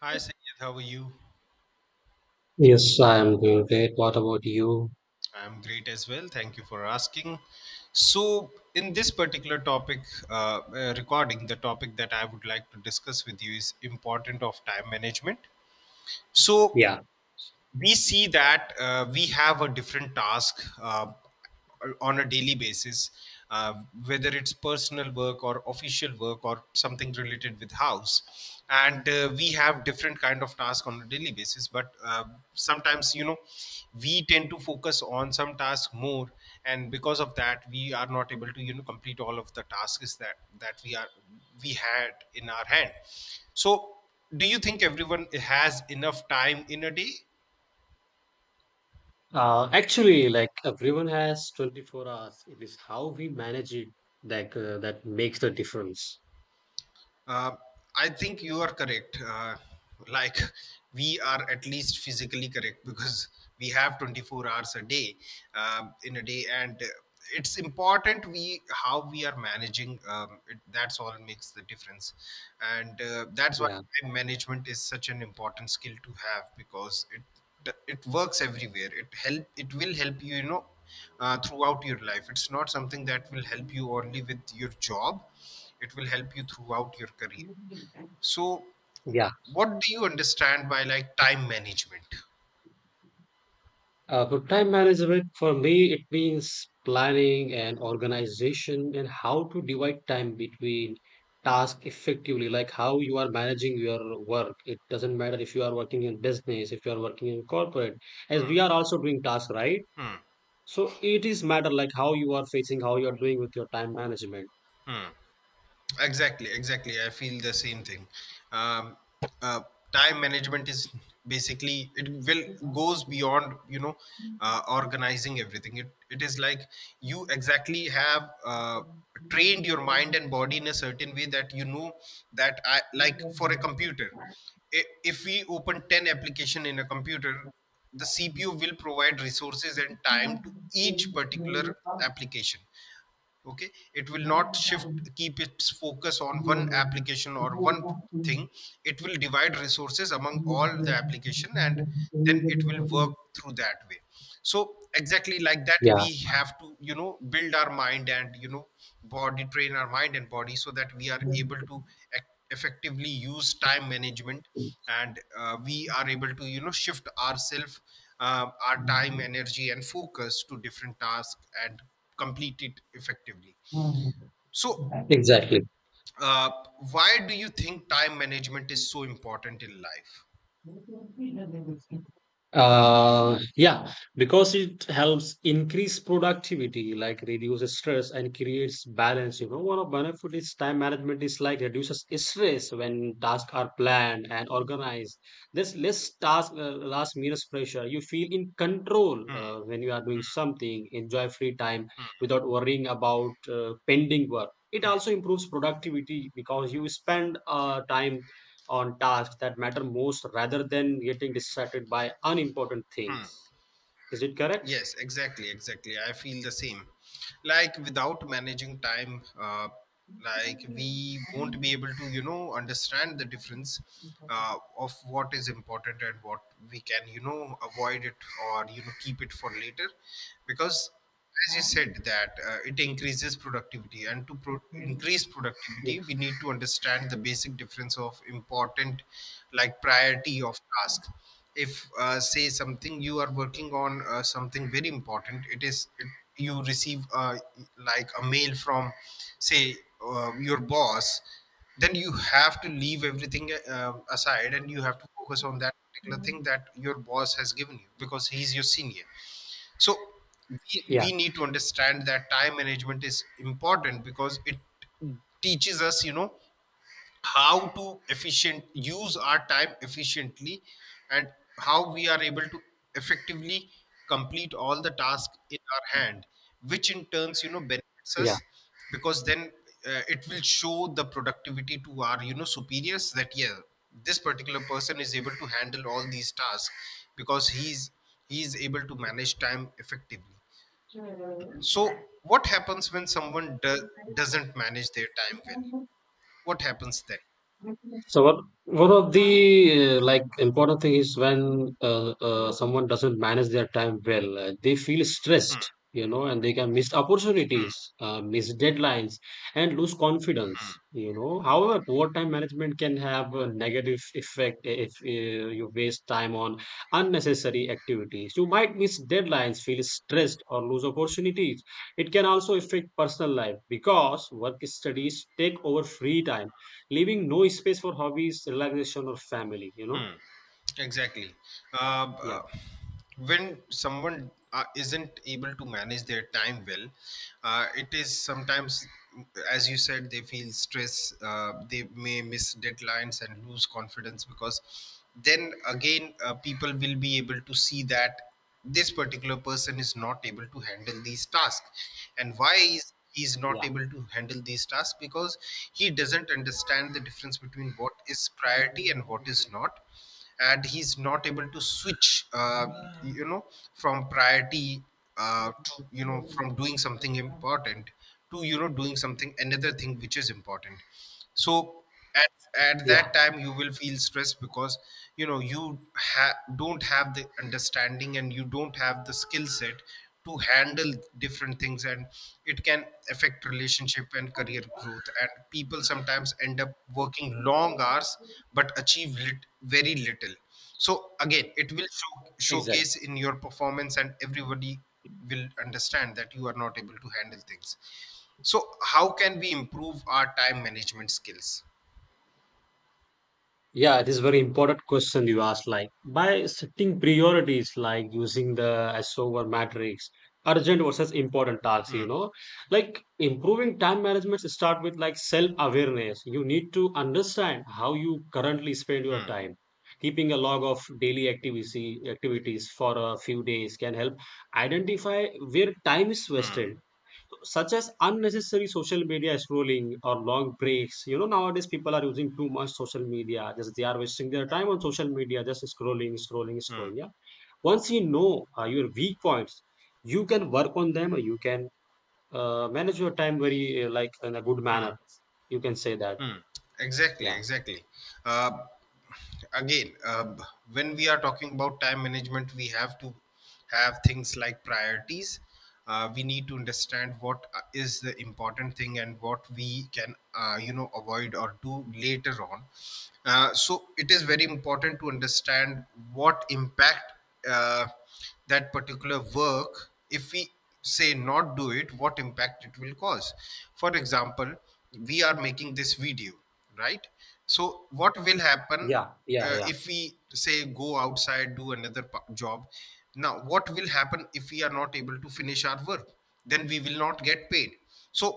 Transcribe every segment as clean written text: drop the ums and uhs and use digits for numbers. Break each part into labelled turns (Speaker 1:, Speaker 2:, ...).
Speaker 1: Hi, Sangeet. How are you?
Speaker 2: Yes, I'm doing great. What about you?
Speaker 1: I'm great as well. Thank you for asking. In this particular topic recording, the topic that I would like to discuss with you is important of time management. So,
Speaker 2: Yeah.
Speaker 1: we see that we have a different task on a daily basis uh, whether it's personal work or official work or something related with house and we have different kind of task on a daily basis but sometimes we tend to focus on some task more, and because of that we are not able to complete all of the tasks that we had in our hand. So do you think everyone has enough time in a day?
Speaker 2: Actually, like everyone has 24 hours. It is how we manage it that makes the difference.
Speaker 1: Uh, I think you are correct. Like we are at least physically correct because we have 24 hours a day in a day, and it's important we how we are managing. That's all makes the difference, and that's why
Speaker 2: Yeah.
Speaker 1: time management is such an important skill to have because it works everywhere. It will help you, you know, throughout your life. It's not something that will help you only with your job, it will help you throughout your career. So
Speaker 2: Yeah.
Speaker 1: what do you understand by like time management?
Speaker 2: But time management for me, it means planning and organization and how to divide time between tasks effectively, like how you are managing your work. It doesn't matter if you are working in business, if you are working in corporate, as we are also doing tasks, right?
Speaker 1: Hmm.
Speaker 2: So it is matter like how you are facing, how you are doing with your time management.
Speaker 1: Exactly, exactly. I feel the same thing. Um, uh, Time management is basically it will goes beyond organizing everything. It is like you exactly have trained your mind and body in a certain way that you know that I like for a computer. i- If we open 10 application in a computer, the CPU will provide resources and time to each particular application. Okay, it will not shift keep its focus on one application or one thing, it will divide resources among all the application, and then it will work through that way. So exactly like that
Speaker 2: Yeah,
Speaker 1: we have to you know build our mind and you know body, train our mind and body so that we are able to ac- effectively use time management, and we are able to you know shift ourselves, our time energy and focus to different tasks and complete it effectively. So
Speaker 2: exactly.
Speaker 1: uh, why do you think time management is so important in life?
Speaker 2: Yeah, because it helps increase productivity, like reduces stress and creates balance. You know, one of benefit is time management is like reduces stress when tasks are planned and organized. There's less task, last minus pressure. You feel in control when you are doing something. Enjoy free time without worrying about pending work. It also improves productivity because you spend time on tasks that matter most rather than getting distracted by unimportant
Speaker 1: Hmm.
Speaker 2: things. Is it correct?
Speaker 1: Yes, exactly, exactly, I feel the same. Like without managing time like we won't be able to you know understand the difference of what is important and what we can you know avoid it or you know keep it for later. Because as you said that it increases productivity, and to increase
Speaker 2: Yeah.
Speaker 1: productivity we need to understand the basic difference of important, like priority of task. If say something you are working on something very important, you receive like a mail from say your boss, then you have to leave everything aside and you have to focus on that particular thing that your boss has given you because he's your senior. So we,
Speaker 2: Yeah.
Speaker 1: we need to understand that time management is important because it teaches us you know how to efficient use our time efficiently, and how we are able to effectively complete all the tasks in our hand, which in turns you know benefits
Speaker 2: Yeah.
Speaker 1: us. Because then it will show the productivity to our you know superiors that yeah this particular person is able to handle all these tasks because he's able to manage time effectively. So what happens when someone doesn't manage their time well, what happens then?
Speaker 2: So what, one of the like important thing is when someone doesn't manage their time well, they feel stressed, you know, and they can miss opportunities, miss deadlines, and lose confidence, you know. However, poor time management can have a negative effect if you waste time on unnecessary activities. You might miss deadlines, feel stressed, or lose opportunities. It can also affect personal life because work studies take over free time leaving no space for hobbies, relaxation, or family, you know?
Speaker 1: Exactly. Uh, b- uh,
Speaker 2: Yeah,
Speaker 1: when someone isn't able to manage their time well, it is sometimes, as you said, they feel stress. They may miss deadlines and lose confidence because then again, people will be able to see that this particular person is not able to handle these tasks. And why is he's not
Speaker 2: yeah,
Speaker 1: able to handle these tasks? Because he doesn't understand the difference between what is priority and what is not, and he's not able to switch you know from priority to you know from doing something important to you know doing something another thing which is important. So at, at that
Speaker 2: yeah,
Speaker 1: time you will feel stressed because you know you don't have the understanding and you don't have the skill set to handle different things, and it can affect relationship and career growth, and people sometimes end up working long hours but achieve very little. So again it will
Speaker 2: exactly.
Speaker 1: showcase in your performance and everybody will understand that you are not able to handle things. So how can we improve our time management skills?
Speaker 2: Yeah, it is very important question you asked. Like by setting priorities, like using the S over matrix, urgent versus important tasks,
Speaker 1: Hmm,
Speaker 2: like improving time management start with like self awareness. You need to understand how you currently spend your
Speaker 1: hmm,
Speaker 2: time. Keeping a log of daily activity activities for a few days can help identify where time is
Speaker 1: hmm,
Speaker 2: wasted. So, such as unnecessary social media scrolling or long breaks nowadays people are using too much social media, just they are wasting their time on social media just scrolling, scrolling,
Speaker 1: hmm.
Speaker 2: scrolling. Yeah. Once you know your weak points, you can work on them, or you can manage your time very like in a good manner, you can say that.
Speaker 1: Hmm. Exactly,
Speaker 2: Yeah.
Speaker 1: exactly. Uh, again, uh, when we are talking about time management, we have to have things like priorities. We need to understand what is the important thing and what we can, you know, avoid or do later on. So it is very important to understand what impact. Uh, that particular work if we say not do it, what impact it will cause? For example, we are making this video, right? So what will happen
Speaker 2: Yeah. Yeah.
Speaker 1: if we say go outside do another job? Now what will happen if we are not able to finish our work? Then we will not get paid. So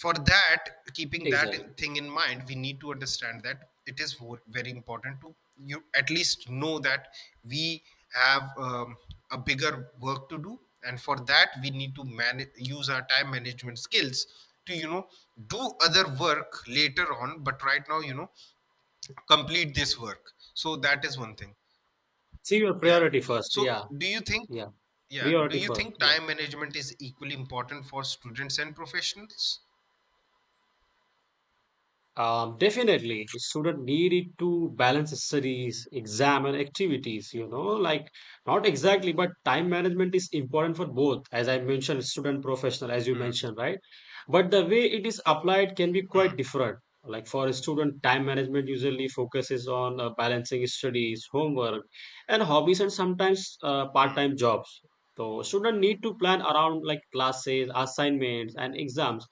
Speaker 1: for that, keeping
Speaker 2: Yeah,
Speaker 1: that
Speaker 2: exactly.
Speaker 1: thing in mind, we need to understand that it is very important to you at least know that we have a bigger work to do, and for that we need to manage use our time management skills to you know do other work later on, but right now you know complete this work. So that is one thing.
Speaker 2: See your
Speaker 1: Yeah.
Speaker 2: priority first.
Speaker 1: So
Speaker 2: Yeah.
Speaker 1: do you think
Speaker 2: Yeah.
Speaker 1: yeah do
Speaker 2: Priority
Speaker 1: you
Speaker 2: first.
Speaker 1: think
Speaker 2: Yeah.
Speaker 1: time management is equally important for students and professionals?
Speaker 2: Definitely, the student needed to balance his studies, exam, and activities. You know, like not exactly, but time management is important for both. As I mentioned, student professional, as you
Speaker 1: Hmm.
Speaker 2: mentioned, right? But the way it is applied can be
Speaker 1: Hmm.
Speaker 2: quite different. Like for a student, time management usually focuses on balancing studies, homework, and hobbies, and sometimes part-time jobs. So student need to plan around like classes, assignments, and exams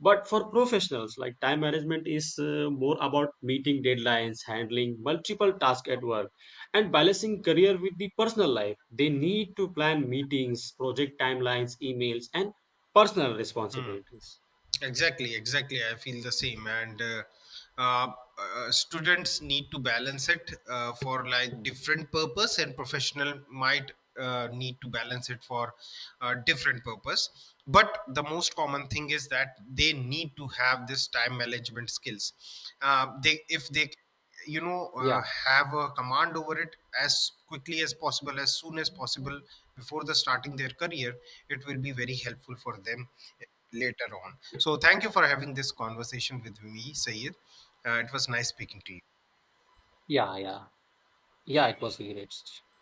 Speaker 2: but for professionals, like time management is more about meeting deadlines, handling multiple tasks at work, and balancing career with the personal life. They need to plan meetings, project timelines, emails, and personal responsibilities.
Speaker 1: Exactly, exactly. I feel the same. And uh, students need to balance it for like different purpose, and professional might need to balance it for different purpose. But the most common thing is that they need to have this time management skills. They if they You know
Speaker 2: Yeah.
Speaker 1: have a command over it as quickly as possible, as soon as possible, before the starting their career, it will be very helpful for them later on. So thank you for having this conversation with me, Sayed. Uh, it was nice speaking to you.